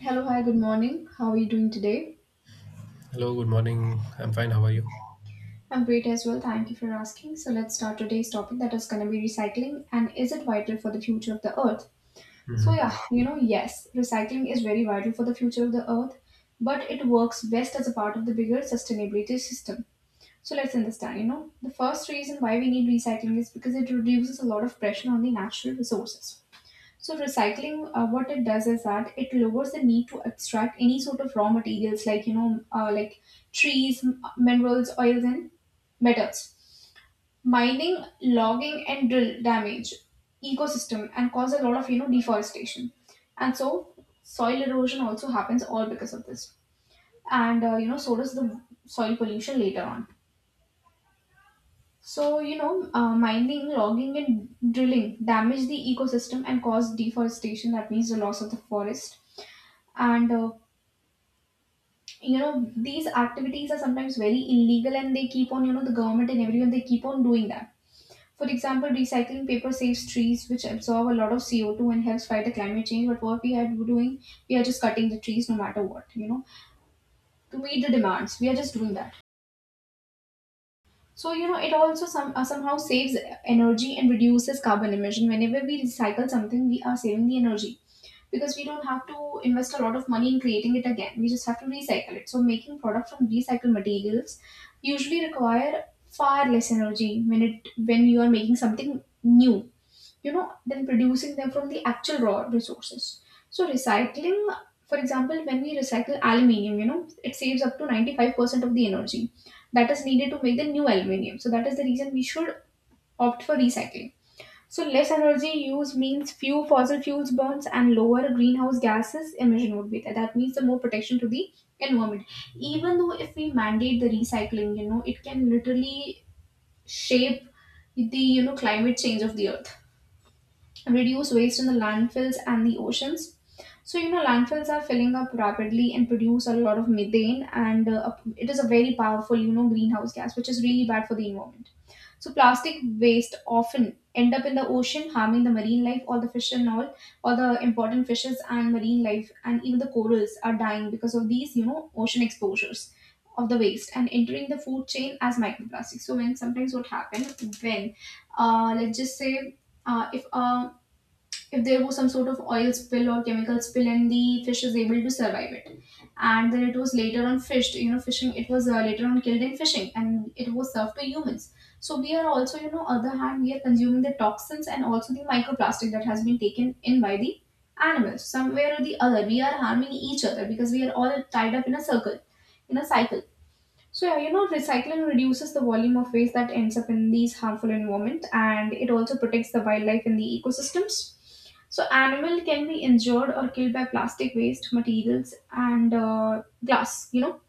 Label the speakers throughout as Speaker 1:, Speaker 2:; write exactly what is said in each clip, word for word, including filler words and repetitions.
Speaker 1: Hello, hi, good morning. How are you doing today?
Speaker 2: Hello, good morning. I'm fine. How are you?
Speaker 1: I'm great as well. Thank you for asking. So, let's start today's topic that is going to be recycling and is it vital for the future of the earth? So, yeah,
Speaker 2: Mhm.
Speaker 1: you know, yes, recycling is very vital for the future of the earth, but it works best as a part of the bigger sustainability system. So, let's understand, you know, the first reason why we need recycling is because it reduces a lot of pressure on the natural resources. So recycling, uh, what it does is that it lowers the need to extract any sort of raw materials like you know, uh, like trees, m- minerals, oils, and metals. Mining, logging, and drill damage ecosystem and cause a lot of you know deforestation, and so soil erosion also happens all because of this. And uh, you know, so does the soil pollution later on. So you know, uh, mining, logging, and drilling damage the ecosystem and cause deforestation. That means the loss of the forest, and uh, you know these activities are sometimes very illegal and they keep on you know the government and everyone, they keep on doing that. For example, recycling paper saves trees which absorb a lot of C O two and helps fight the climate change, but what we are doing, we are just cutting the trees no matter what you know to meet the demands we are just doing that. So you know it also some, uh, somehow saves energy and reduces carbon emission. Whenever we recycle something, we are saving the energy because we don't have to invest a lot of money in creating it again. We just have to recycle it. So making product from recycled materials usually require far less energy when it when you are making something new, you know, than producing them from the actual raw resources. So recycling, for example, when we recycle aluminium, you know, it saves up to ninety-five percent of the energy that is needed to make the new aluminium. So that is the reason we should opt for recycling. So less energy use means few fossil fuels burns and lower greenhouse gases emission would be there. That means the more protection to the environment. Even though if we mandate the recycling, you know, it can literally shape the you know climate change of the earth. Reduce waste in the landfills and the oceans. So you know landfills are filling up rapidly and produce a lot of methane, and uh, it is a very powerful you know greenhouse gas, which is really bad for the environment. So plastic waste often end up in the ocean, harming the marine life, all the fish and all, all the important fishes and marine life, and even the corals are dying because of these, you know, ocean exposures of the waste and entering the food chain as microplastics. So when sometimes what happen, when, uh, let's just say, uh, if a if there was some sort of oil spill or chemical spill and the fish is able to survive it, and then it was later on fished you know fishing it was uh, later on killed in fishing and it was served to humans. So we are also, you know, other hand, we are consuming the toxins and also the microplastic that has been taken in by the animals. Somewhere or the other, we are harming each other because we are all tied up in a circle in a cycle. So yeah, you know, recycling reduces the volume of waste that ends up in these harmful environment, and it also protects the wildlife in the ecosystems. So animal can be injured or killed by plastic waste materials and uh, glass. You know,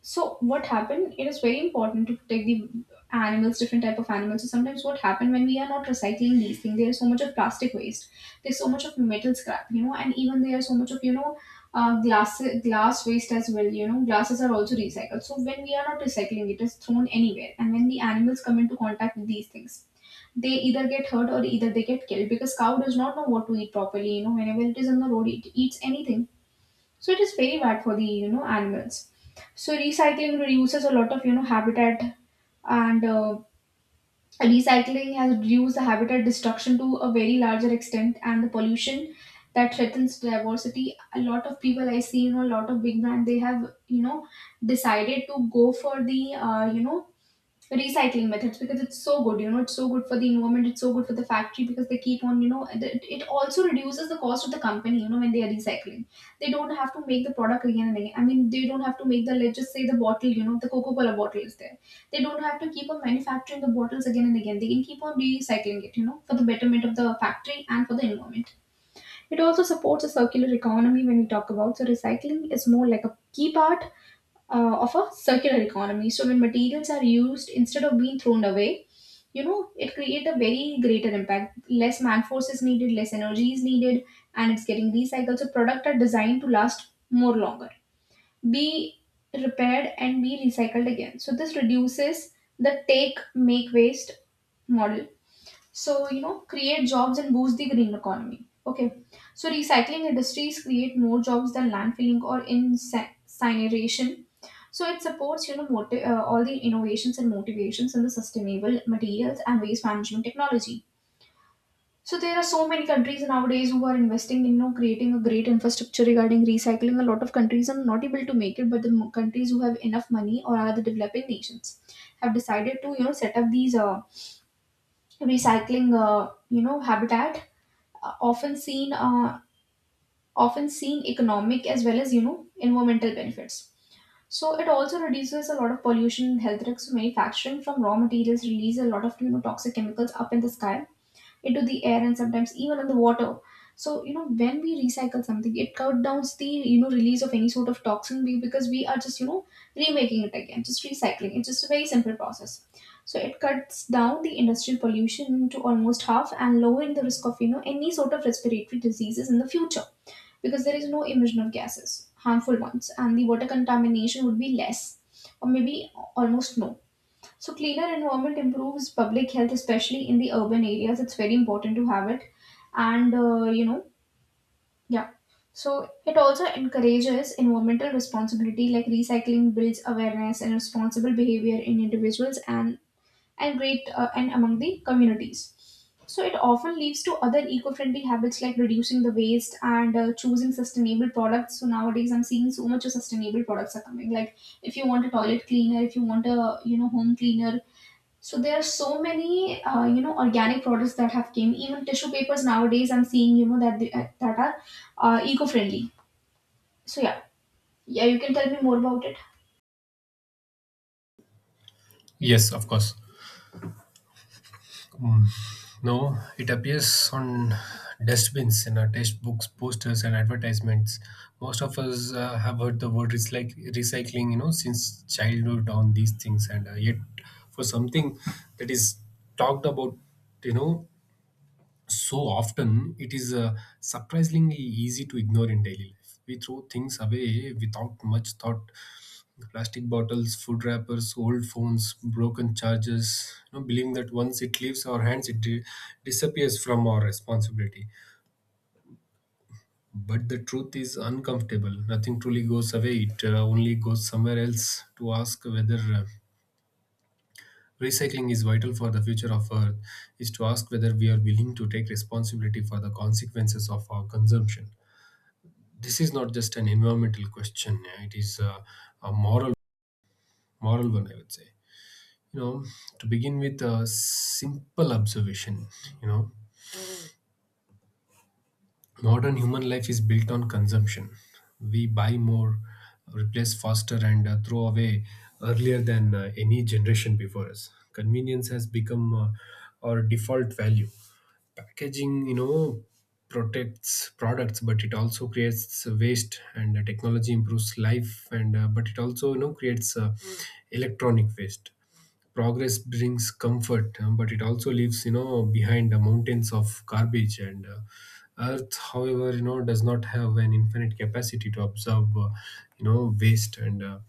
Speaker 1: so what happened? It is very important to protect the animals, different type of animals. So sometimes what happened, when we are not recycling these things, there is so much of plastic waste. There's so much of metal scrap, you know, and even there are so much of you know, uh, glass glass waste as well. You know, glasses are also recycled. So when we are not recycling, it is thrown anywhere, and when the animals come into contact with these things, they either get hurt or either they get killed because cow does not know what to eat properly. You know, whenever it is on the road, it eats anything. So it is very bad for the you know animals. So recycling reduces a lot of you know habitat and uh, recycling has reduced the habitat destruction to a very larger extent and the pollution that threatens diversity. A lot of people I see, you know, a lot of big brand, they have, you know, decided to go for the uh, you know recycling methods because it's so good, you know, it's so good for the environment, it's so good for the factory because they keep on you know it, it also reduces the cost of the company, you know, when they are recycling. They don't have to make the product again and again. I mean, they don't have to make the, let's just say the bottle, you know, the Coca-Cola bottle is there, they don't have to keep on manufacturing the bottles again and again. They can keep on recycling it, you know, for the betterment of the factory and for the environment. It also supports a circular economy. When we talk about, so recycling is more like a key part uh, of a circular economy. So when materials are used instead of being thrown away, you know, it creates a very greater impact. Less man force is needed, less energy is needed, and it's getting recycled. So products are designed to last more longer, be repaired and be recycled again. So this reduces the take make waste model. So you know create jobs and boost the green economy. Okay, so recycling industries create more jobs than landfilling or inci- incineration. So it supports, you know, moti- uh, all the innovations and motivations in the sustainable materials and waste management technology. So there are so many countries nowadays who are investing in, you know, creating a great infrastructure regarding recycling. A lot of countries are not able to make it, but the mo- countries who have enough money or are the developing nations have decided to, you know, set up these uh, recycling, uh, you know habitat, uh, often seen uh, often seen economic as well as, you know, environmental benefits. So it also reduces a lot of pollution and health risks. Manufacturing from raw materials release a lot of, you know, toxic chemicals up in the sky, into the air and sometimes even in the water. So, you know, when we recycle something, it cut down the, you know, release of any sort of toxin be- because we are just, you know, remaking it again, just recycling. It's just a very simple process. So it cuts down the industrial pollution to almost half and lowering the risk of, you know, any sort of respiratory diseases in the future, because there is no emission of gases, harmful ones, and the water contamination would be less or maybe almost no. So cleaner environment improves public health, especially in the urban areas. It's very important to have it, and uh, you know, yeah. So it also encourages environmental responsibility, like recycling builds awareness and responsible behavior in individuals and and great uh, and among the communities. So it often leads to other eco-friendly habits like reducing the waste and uh, choosing sustainable products. So nowadays, I'm seeing so much of sustainable products are coming. Like if you want a toilet cleaner, if you want a you know home cleaner, so there are so many, uh, you know, organic products that have came. Even tissue papers nowadays, I'm seeing, you know, that they, that are uh, eco-friendly. So yeah, yeah, you can tell me more about it.
Speaker 2: Yes, of course. Mm, no, it appears on dustbins in our textbooks, posters, and advertisements. Most of us uh, have heard the word recyc- recycling, you know, since childhood on these things, and uh, yet for something that is talked about, you know, so often, it is uh, surprisingly easy to ignore in daily life. We throw things away without much thought: plastic bottles, food wrappers, old phones, broken chargers, you know, believing that once it leaves our hands, it di- disappears from our responsibility. But the truth is uncomfortable. Nothing truly goes away. It uh, only goes somewhere else. To ask whether uh, recycling is vital for the future of Earth is to ask whether we are willing to take responsibility for the consequences of our consumption. This is not just an environmental question, it is uh, a moral, moral one, I would say. You know, to begin with a simple observation, you know, modern human life is built on consumption. We buy more, replace faster, and uh, throw away earlier than uh, any generation before us. Convenience has become uh, our default value. Packaging, you know, protects products, but it also creates waste, and uh, technology improves life, and uh, but it also, you know, creates uh, electronic waste. Progress brings comfort, um, but it also leaves, you know, behind the mountains of garbage, and uh, earth, however, you know, does not have an infinite capacity to absorb uh, you know, waste, and uh,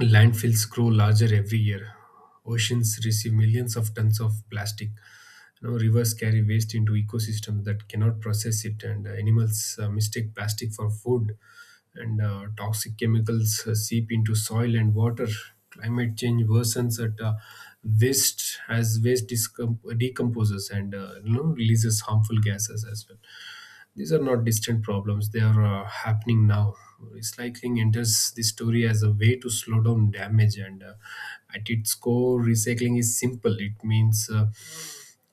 Speaker 2: landfills grow larger every year. Oceans receive millions of tons of plastic. You know, rivers carry waste into ecosystems that cannot process it, and uh, animals uh, mistake plastic for food. And uh, toxic chemicals uh, seep into soil and water. Climate change worsens at uh, waste as waste discom- decomposes and, uh, you know, releases harmful gases as well. These are not distant problems, they are uh, happening now. Recycling enters the story as a way to slow down damage, and uh, at its core, recycling is simple. It means, uh,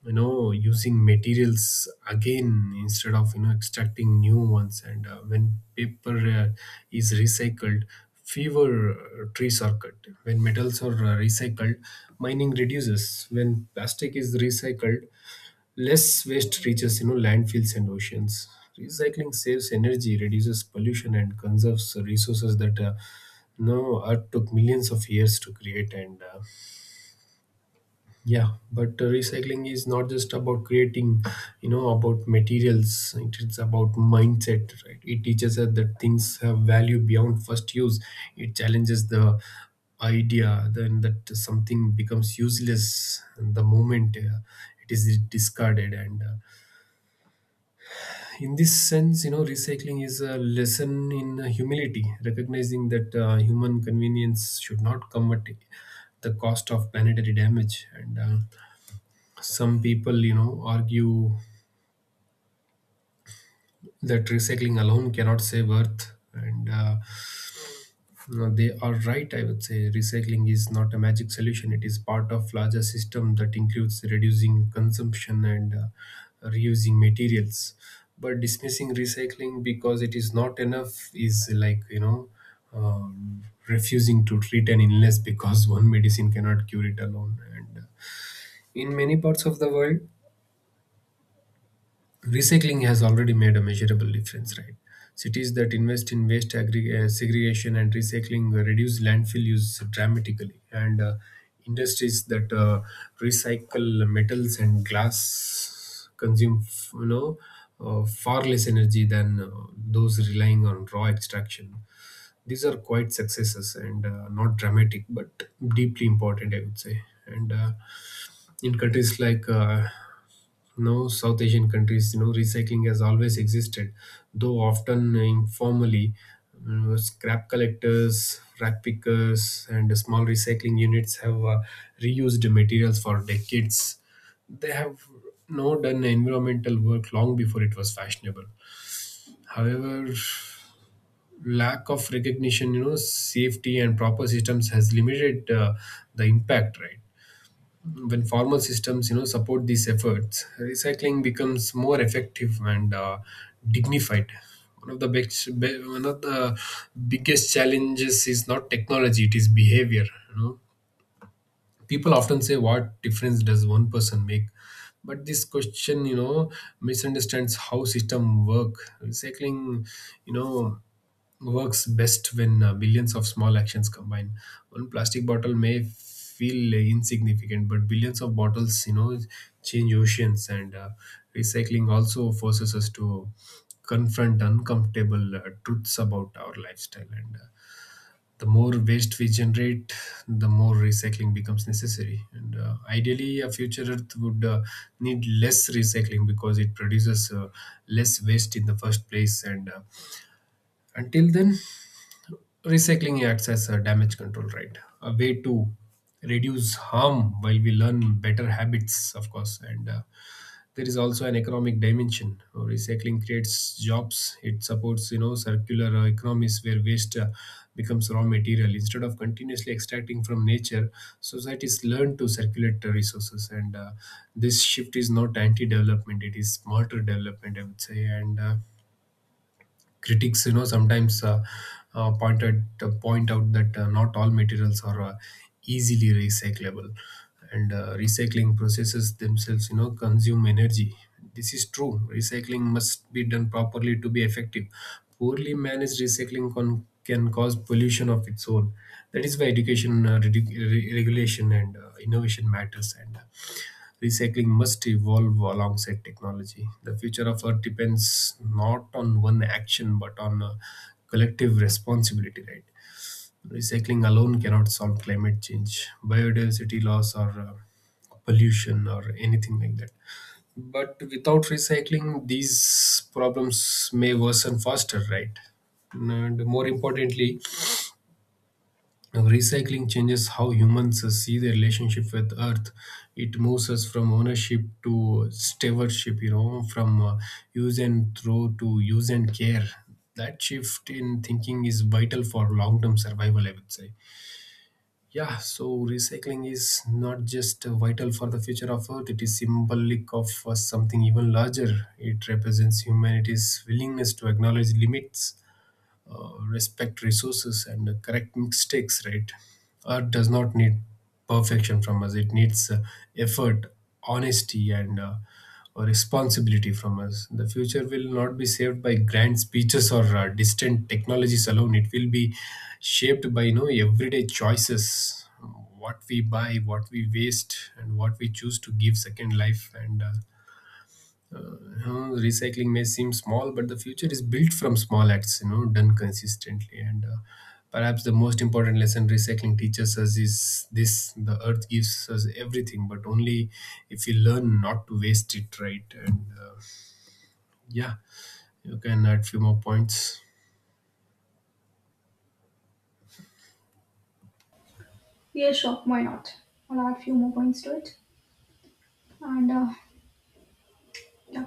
Speaker 2: you know, using materials again instead of, you know, extracting new ones. And uh, when paper uh, is recycled, fewer uh, trees are cut. When metals are uh, recycled, mining reduces. When plastic is recycled, less waste reaches, you know, landfills and oceans. Recycling saves energy, reduces pollution, and conserves resources that uh, no Earth took millions of years to create. And uh, yeah, but uh, recycling is not just about creating, you know, about materials. It is about mindset, right? It teaches us that things have value beyond first use. It challenges the idea then that something becomes useless and the moment uh, it is discarded, and uh, in this sense, you know, recycling is a lesson in uh, humility, recognizing that uh, human convenience should not come at the cost of planetary damage, and uh, some people, you know, argue that recycling alone cannot save earth, and uh, no, they are right, I would say. Recycling is not a magic solution. It is part of larger system that includes reducing consumption and uh, reusing materials. But dismissing recycling because it is not enough is like, you know, um, refusing to treat an illness because one medicine cannot cure it alone. And uh, in many parts of the world, recycling has already made a measurable difference, right? Cities that invest in waste aggre- uh, segregation and recycling uh, reduce landfill use dramatically, and uh, industries that uh, recycle metals and glass consume, f- you know, uh, far less energy than uh, those relying on raw extraction. These are quite successes, and uh, not dramatic but deeply important, I would say. And uh, in countries like, uh, you know, south asian countries, you know, recycling has always existed, though often informally. You scrap collectors, rack pickers, and small recycling units have uh, reused materials for decades. They have now done environmental work long before it was fashionable. However, lack of recognition, you know, safety, and proper systems has limited uh, the impact, right? When formal systems, you know, support these efforts, recycling becomes more effective and uh, dignified. One of the best be- one of the biggest challenges is not technology, it is behavior. You know, people often say, what difference does one person make? But this question, you know, misunderstands how system work. Recycling, you know, works best when uh, billions of small actions combine. One plastic bottle may feel insignificant, but billions of bottles, you know, change oceans, and uh, recycling also forces us to confront uncomfortable uh, truths about our lifestyle, and uh, the more waste we generate, the more recycling becomes necessary. And uh, ideally, a future Earth would uh, need less recycling because it produces uh, less waste in the first place. And uh, until then, recycling acts as a damage control, right? A way to reduce harm while we learn better habits, of course. And uh, there is also an economic dimension. Uh, recycling creates jobs, it supports, you know, circular uh, economies where waste uh, becomes raw material instead of continuously extracting from nature. Societies learn to circulate the resources, and uh, this shift is not anti-development, it is smarter development, I would say. And uh, critics, you know, sometimes uh, uh, pointed point out that uh, not all materials are uh, easily recyclable, and uh, recycling processes themselves, you know, consume energy. This is true. Recycling must be done properly to be effective. Poorly managed recycling con- can cause pollution of its own. That is why education, uh, regu- re- regulation, and uh, innovation matters. And uh, recycling must evolve alongside technology. The future of Earth depends not on one action but on a collective responsibility, right? Recycling alone cannot solve climate change, biodiversity loss, or uh, pollution, or anything like that. But without recycling, these problems may worsen faster, right? And more importantly, recycling changes how humans see their relationship with Earth. It moves us from ownership to stewardship, you know, from uh, use and throw to use and care. That shift in thinking is vital for long term survival, I would say. Yeah, so recycling is not just uh, vital for the future of Earth, it is symbolic of uh, something even larger. It represents humanity's willingness to acknowledge limits, uh, respect resources, and uh, correct mistakes, right? Art does not need perfection from us, it needs uh, effort, honesty, and uh, a responsibility from us. The future will not be saved by grand speeches or uh, distant technologies alone, it will be shaped by, you know, everyday choices: what we buy, what we waste, and what we choose to give second life. And uh, uh, huh, recycling may seem small, but the future is built from small acts, you know, done consistently. And uh, perhaps the most important lesson recycling teaches us is this: the earth gives us everything, but only if you learn not to waste it, right? And uh, yeah, you can add few more points.
Speaker 1: Yeah, sure. Why not? I'll add few more points to it. And uh, yeah,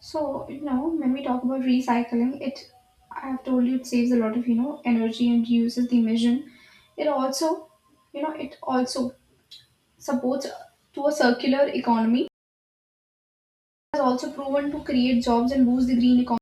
Speaker 1: so you know, when we talk about recycling, it I have told you it saves a lot of, you know, energy and reduces the emission. It also, you know, it also supports to a circular economy. It has also proven to create jobs and boost the green economy.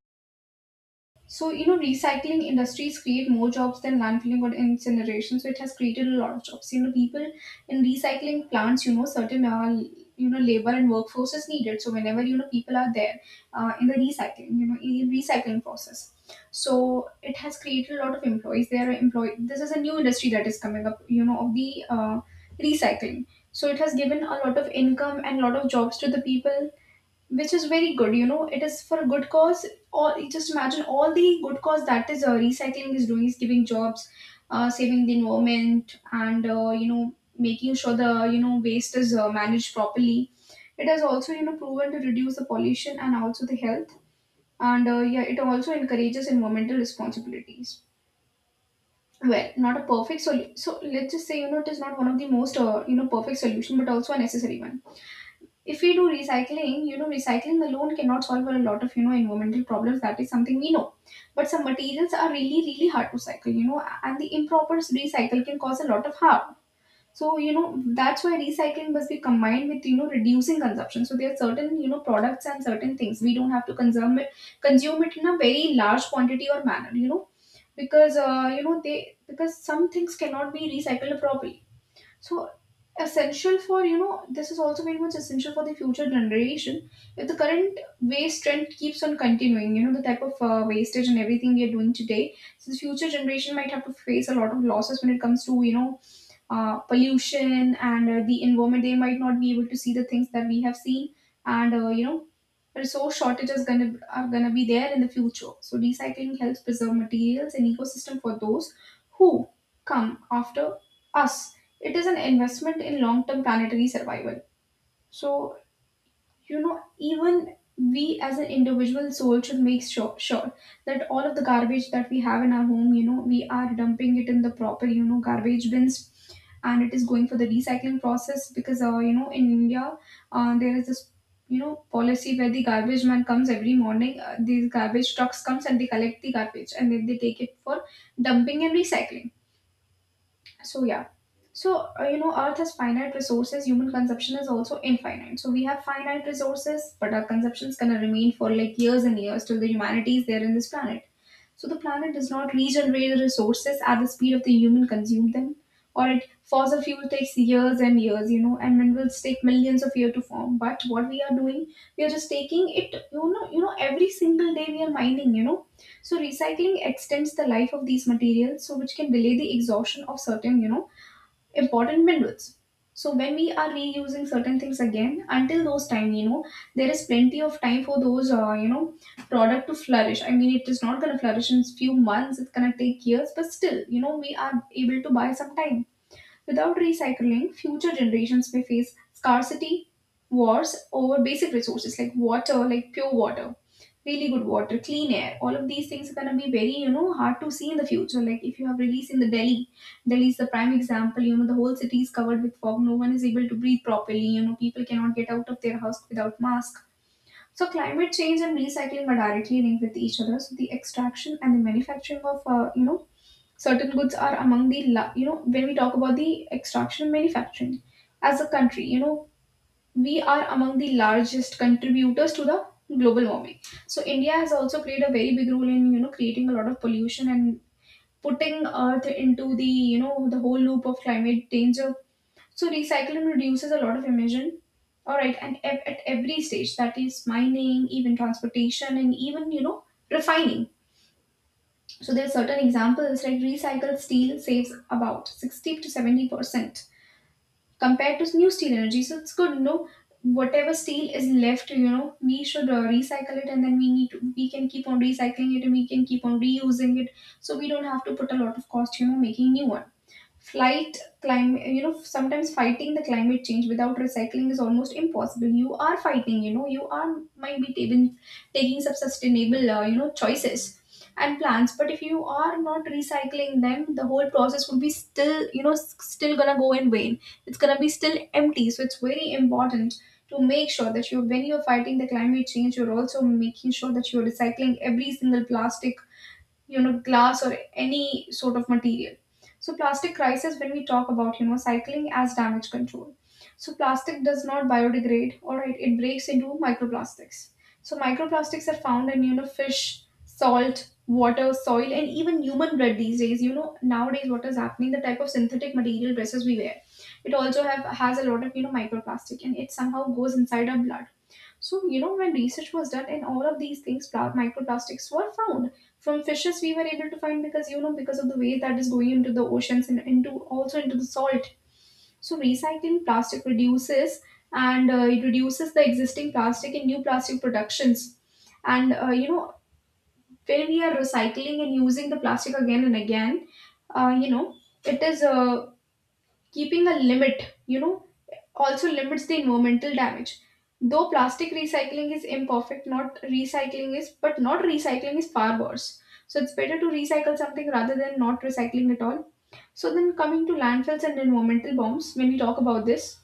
Speaker 1: So, you know, recycling industries create more jobs than landfilling or incineration. So, it has created a lot of jobs. You know, people in recycling plants, you know, certain, uh, you know, labor and workforce is needed. So, whenever, you know, people are there uh, in the recycling, you know, in the recycling process. So, it has created a lot of employees. There are employed. This is a new industry that is coming up, you know, of the uh, recycling. So, it has given a lot of income and a lot of jobs to the people, which is very good. You know it is for a good cause, or just imagine all the good cause that is uh, recycling is doing, is giving jobs, uh, saving the environment, and uh, you know making sure the you know waste is uh, managed properly. It has also you know proven to reduce the pollution and also the health. And uh, yeah, it also encourages environmental responsibilities. Well, not a perfect solution, so let's just say you know it is not one of the most uh, you know perfect solution, but also a necessary one. If we do recycling, you know recycling alone cannot solve a lot of you know environmental problems, that is something we know. But some materials are really really hard to cycle, you know and the improper recycle can cause a lot of harm. So, you know that's why recycling must be combined with you know reducing consumption. So there are certain you know products and certain things we don't have to consume it consume it in a very large quantity or manner, you know because uh, you know they because some things cannot be recycled properly. So essential for you know this is also very much essential for the future generation. If the current waste trend keeps on continuing, you know the type of uh, wastage and everything we are doing today, so the future generation might have to face a lot of losses when it comes to, you know uh, pollution and uh, the environment. They might not be able to see the things that we have seen. And uh, you know resource shortages gonna are gonna be there in the future. So recycling helps preserve materials and ecosystem for those who come after us. It is an investment in long-term planetary survival. So, you know even we as an individual soul should make sure, sure that all of the garbage that we have in our home, you know we are dumping it in the proper you know garbage bins, and it is going for the recycling process. Because uh, you know in India, uh, there is this you know policy where the garbage man comes every morning. Uh, these garbage trucks comes and they collect the garbage and then they take it for dumping and recycling. So yeah. So uh, you know, Earth has finite resources. Human consumption is also infinite. So we have finite resources, but our consumption is gonna remain for like years and years, till the humanity is there in this planet. So the planet does not regenerate the resources at the speed of the human consume them, or it fossil fuel takes years and years, you know, and minerals take millions of years to form. But what we are doing, we are just taking it, you know, you know, every single day we are mining, you know so recycling extends the life of these materials, so which can delay the exhaustion of certain, you know, important minerals. So when we are reusing certain things again, until those time, you know, there is plenty of time for those, uh, you know, product to flourish. I mean, it is not going to flourish in few months. It's going to take years, but still, you know, we are able to buy some time. Without recycling, future generations may face scarcity wars over basic resources like water, like pure water, really good water, clean air. All of these things are gonna be very, you know, hard to see in the future. Like if you have release in the Delhi, Delhi is the prime example. You know, the whole city is covered with fog. No one is able to breathe properly. You know, people cannot get out of their house without mask. So climate change and recycling are directly linked with each other. So the extraction and the manufacturing of, uh, you know, certain goods are among the la- you know when we talk about the extraction and manufacturing, as a country, you know we are among the largest contributors to the global warming. So India has also played a very big role in you know creating a lot of pollution and putting earth into the you know the whole loop of climate danger. So recycling reduces a lot of emission, all right, and ev- at every stage, that is mining, even transportation, and even you know refining. So there are certain examples like recycled steel saves about sixty to seventy percent compared to new steel energy. So it's good, no? Whatever steel is left, you know, we should uh, recycle it, and then we need to, we can keep on recycling it and we can keep on reusing it. So we don't have to put a lot of cost, you know, making new one. Flight climate, you know, sometimes fighting the climate change without recycling is almost impossible. You are fighting, you know, you are might be taking taking some sustainable, uh, you know, choices and plans. But if you are not recycling them, the whole process would be still, you know, s- still gonna go in vain. It's gonna be still empty. So it's very important to make sure that you, when you're fighting the climate change, you're also making sure that you're recycling every single plastic, you know glass or any sort of material. So plastic crisis, when we talk about you know cycling as damage control. So plastic does not biodegrade, all right, it breaks into microplastics. So microplastics are found in, you know fish, salt water, soil, and even human bread these days. You know nowadays what is happening, the type of synthetic material dresses we wear, it also have has a lot of you know microplastic, and it somehow goes inside our blood. So, you know, when research was done and all of these things, pla- microplastics were found. From fishes, we were able to find, because, you know, because of the way that is going into the oceans and into also into the salt. So, recycling plastic reduces and uh, it reduces the existing plastic in new plastic productions. And, uh, you know, when we are recycling and using the plastic again and again, uh, you know, it is uh, keeping a limit, you know, also limits the environmental damage. Though plastic recycling is imperfect, not recycling is, but not recycling is far worse. So it's better to recycle something rather than not recycling at all. So then coming to landfills and environmental bombs, when we talk about this,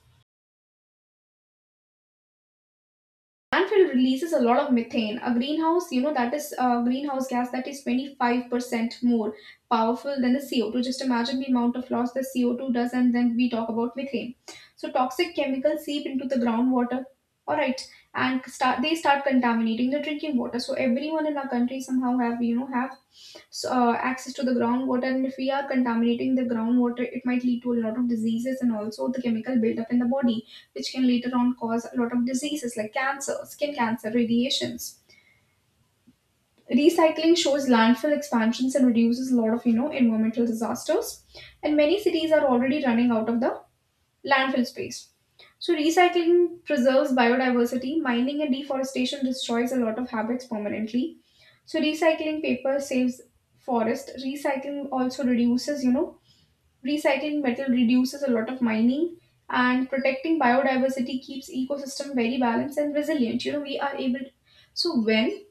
Speaker 1: landfill releases a lot of methane, a greenhouse, you know that is a greenhouse gas, that is twenty-five percent more powerful than the C O two. Just imagine the amount of loss the C O two does, and then we talk about methane. So toxic chemicals seep into the groundwater, all right, and start they start contaminating the drinking water. So everyone in our country somehow have you know have so, uh, access to the groundwater, and if we are contaminating the groundwater it might lead to a lot of diseases, and also the chemical buildup in the body, which can later on cause a lot of diseases like cancer, skin cancer, radiations. Recycling shows landfill expansions and reduces a lot of you know environmental disasters. And many cities are already running out of the landfill space. So recycling preserves biodiversity. Mining and deforestation destroys a lot of habits permanently. So recycling paper saves forest. Recycling also reduces, you know, Recycling metal reduces a lot of mining, and protecting biodiversity keeps ecosystem very balanced and resilient. You know, we are able so when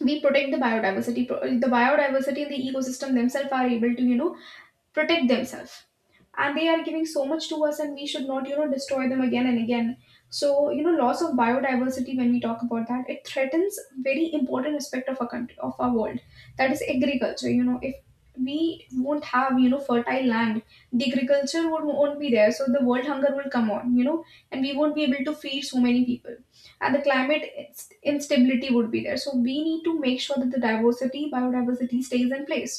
Speaker 1: we protect the biodiversity, pro- the biodiversity and the ecosystem themselves are able to, you know, protect themselves, and they are giving so much to us, and we should not you know destroy them again and again. So you know loss of biodiversity, when we talk about that, it threatens very important aspect of our country, of our world, that is agriculture. You know if we won't have you know fertile land, the agriculture would, won't be there, so the world hunger will come on, you know and we won't be able to feed so many people. And the climate inst- instability would be there, so we need to make sure that the diversity biodiversity stays in place.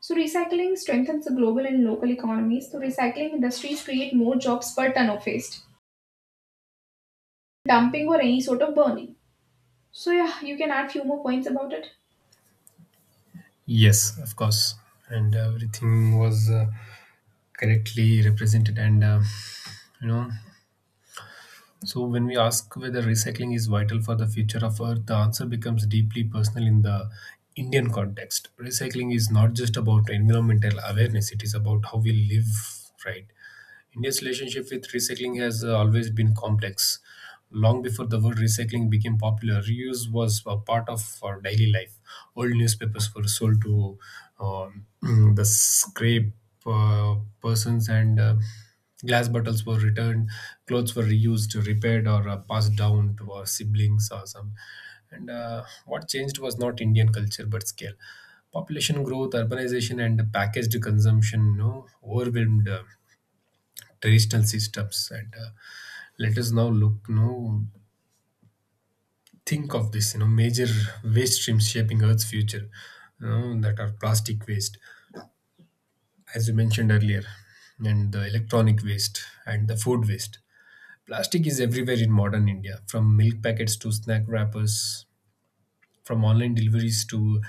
Speaker 1: So recycling strengthens the global and local economies. So recycling industries create more jobs per ton of waste, dumping or any sort of burning. So yeah, you can add few more points about it.
Speaker 2: Yes, of course, and everything was uh, correctly represented, and uh, you know, so, when we ask whether recycling is vital for the future of Earth, the answer becomes deeply personal in the Indian context. Recycling is not just about environmental awareness, it is about how we live, right? India's relationship with recycling has uh, always been complex. Long before the word recycling became popular, reuse was a part of our daily life. Old newspapers were sold to um, the scrape uh, persons, and uh, glass bottles were returned. Clothes were reused, repaired, or uh, passed down to our siblings or some. And uh, what changed was not Indian culture but scale. Population growth, urbanization, and packaged consumption, you know, overwhelmed Uh, traditional systems, and uh, let us now look, you know, think of this, you know, major waste streams shaping earth's future, you know, that are plastic waste, as you mentioned earlier, and the electronic waste and the food waste. Plastic is everywhere in modern india, from milk packets to snack wrappers, from online deliveries to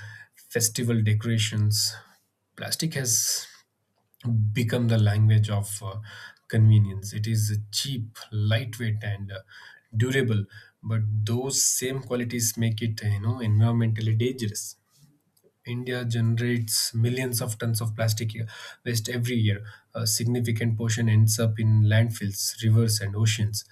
Speaker 2: festival decorations. Plastic has become the language of uh, convenience. It is cheap, lightweight, and uh, durable. But those same qualities make it, uh, you know, environmentally dangerous. India generates millions of tons of plastic waste every year. A significant portion ends up in landfills, rivers, and oceans.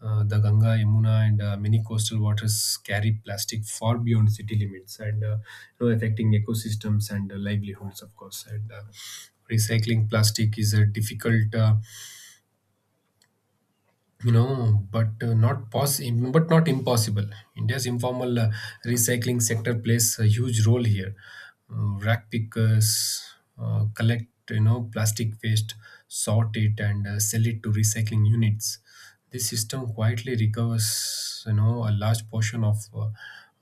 Speaker 2: Uh, the Ganga, Yamuna, and uh, many coastal waters carry plastic far beyond city limits, and, uh, you know, affecting ecosystems and uh, livelihoods, of course. And uh, recycling plastic is a difficult uh, you know, but uh, not poss- but not impossible. India's informal uh, recycling sector plays a huge role here. Uh, rack pickers uh, collect, you know, plastic waste, sort it, and uh, sell it to recycling units. This system quietly recovers, you know, a large portion of uh,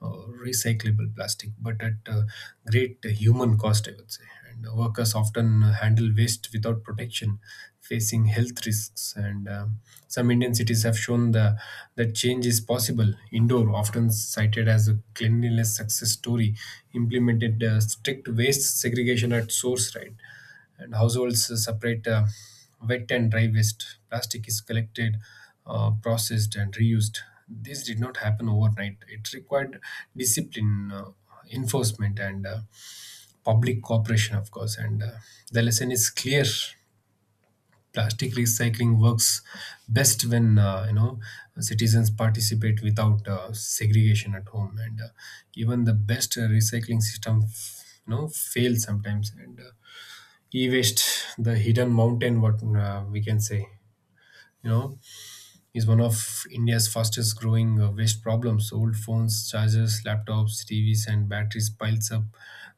Speaker 2: uh, recyclable plastic, but at uh, great human cost, I would say. And workers often handle waste without protection, facing health risks. And um, Some Indian cities have shown the, that change is possible. Indore, often cited as a cleanliness success story, implemented uh, strict waste segregation at source, right? And households uh, separate uh, wet and dry waste. Plastic is collected, uh, processed, and reused. This did not happen overnight. It required discipline, uh, enforcement, and uh, public cooperation, of course. And uh, the lesson is clear: plastic recycling works best when uh, you know citizens participate without uh, segregation at home. And uh, even the best uh, recycling system, f- you know, fails sometimes. And uh, e-waste, the hidden mountain, what uh, we can say, you know, is one of India's fastest growing uh, waste problems. Old phones, chargers, laptops, T Vs, and batteries piles up,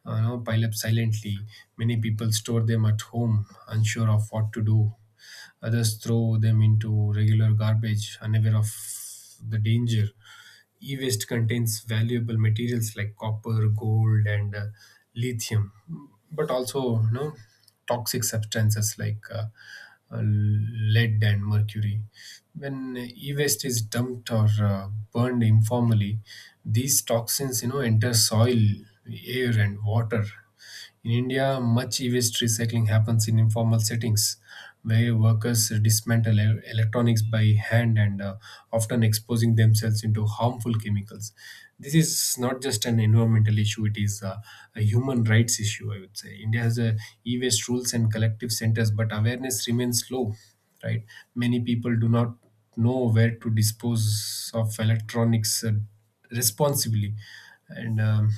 Speaker 2: uh, you know, pile up silently. Many people store them at home, unsure of what to do. Others throw them into regular garbage, unaware of the danger. E-waste contains valuable materials like copper, gold, and uh, lithium, but also you know, toxic substances like uh, uh, lead and mercury. When e-waste is dumped or uh, burned informally, these toxins you know enter soil, air, and water. In India, much e-waste recycling happens in informal settings where workers dismantle e- electronics by hand and uh, often exposing themselves into harmful chemicals. This is not just an environmental issue, it is uh, a human rights issue, I would say. India has a e-waste rules and collective centers, but awareness remains low, right? Many people do not know where to dispose of electronics uh, responsibly. And um,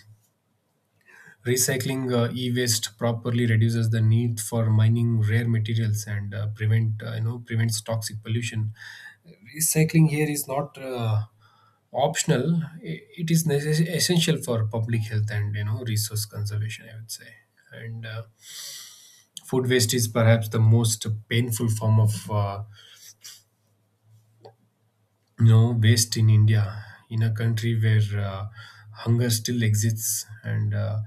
Speaker 2: Recycling uh, e-waste properly reduces the need for mining rare materials and uh, prevent uh, you know prevents toxic pollution. Recycling here is not uh, optional; i- it is necess- essential for public health and you know resource conservation, I would say. And uh, food waste is perhaps the most painful form of uh, you know waste in India, in a country where uh, hunger still exists and uh,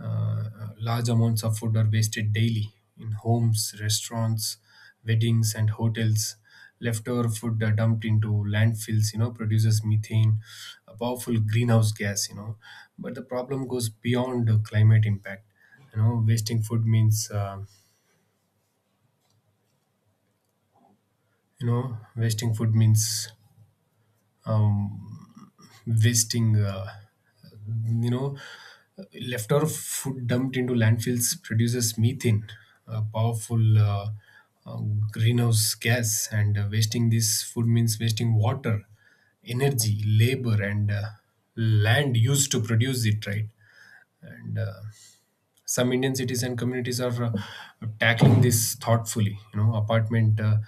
Speaker 2: uh, large amounts of food are wasted daily in homes, restaurants, weddings, and hotels. Leftover food are dumped into landfills, you know, produces methane, a powerful greenhouse gas, you know. But the problem goes beyond the climate impact. You know, wasting food means, uh, you know, wasting food means. Um, wasting uh, you know Leftover food dumped into landfills produces methane, a powerful uh, uh, greenhouse gas. And uh, wasting this food means wasting water, energy, labor, and uh, land used to produce it, right? And uh, some Indian cities and communities are uh, tackling this thoughtfully. You know apartment uh,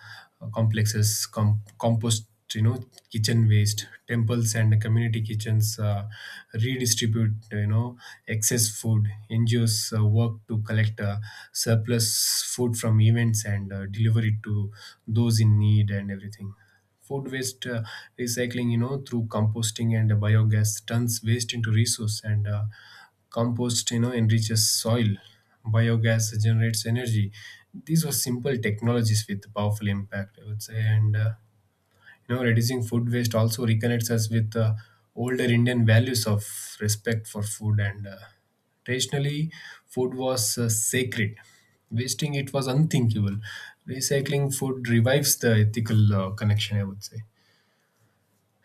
Speaker 2: complexes com- compost, you know kitchen waste. Temples and community kitchens uh, redistribute, you know excess food. NGOs uh, work to collect uh, surplus food from events and uh, deliver it to those in need and everything. Food waste uh, recycling, you know through composting and biogas turns waste into resource. And uh, compost, you know enriches soil. Biogas generates energy. These are simple technologies with powerful impact, I would say. And uh, you know reducing food waste also reconnects us with uh, older Indian values of respect for food. And uh, traditionally food was uh, sacred. Wasting it was unthinkable. Recycling food revives the ethical uh, connection, I would say.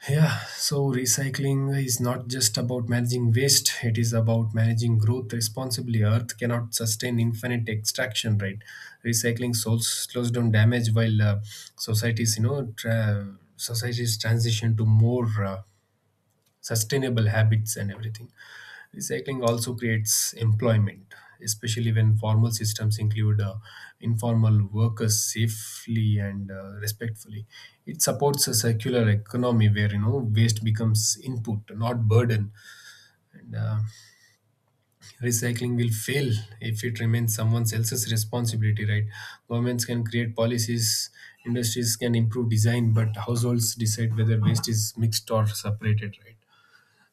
Speaker 2: Yeah, so recycling is not just about managing waste, it is about managing growth responsibly. Earth cannot sustain infinite extraction, right? Recycling souls slows down damage while uh, societies, you know, tra- societies transition to more uh, sustainable habits and everything. Recycling also creates employment, especially when formal systems include uh, informal workers safely and uh, respectfully. It supports a circular economy where you know waste becomes input, not burden. And uh, recycling will fail if it remains someone else's responsibility, right? Governments can create policies, industries can improve design, but households decide whether waste is mixed or separated, right?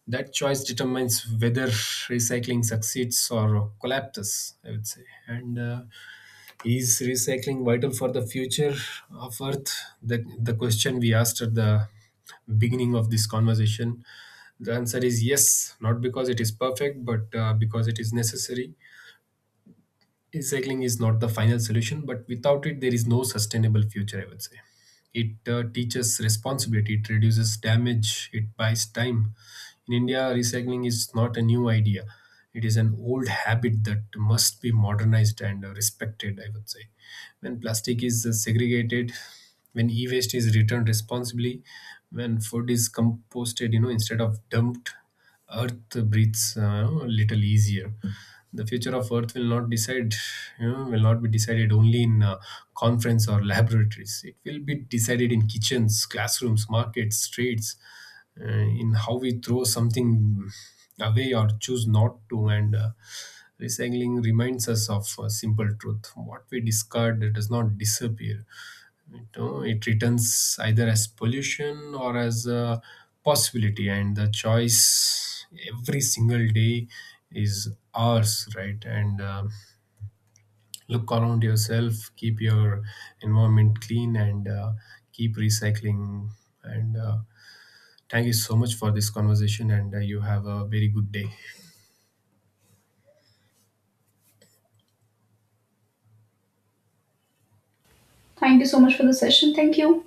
Speaker 2: That choice determines whether recycling succeeds or collapses, I would say. And uh, is recycling vital for the future of Earth? The, the question we asked at the beginning of this conversation, the answer is yes, not because it is perfect, but uh, because it is necessary. Recycling is not the final solution, but without it, there is no sustainable future, I would say. It uh, teaches responsibility, it reduces damage, it buys time. In India, recycling is not a new idea, it is an old habit that must be modernized and uh, respected, I would say. When plastic is uh, segregated, when e waste is returned responsibly, when food is composted, you know, instead of dumped, Earth breathes uh, a little easier. The future of Earth will not decide, you know, will not be decided only in uh, conference or laboratories. It will be decided in kitchens, classrooms, markets, streets, uh, in how we throw something away or choose not to. And uh, recycling reminds us of a simple truth: what we discard does not disappear. You know it returns either as pollution or as a possibility, and the choice every single day is ours, right? And uh, look around yourself, keep your environment clean, and uh, keep recycling. And uh, thank you so much for this conversation, and uh, you have a very good day.
Speaker 1: Thank you so much for the session. Thank you.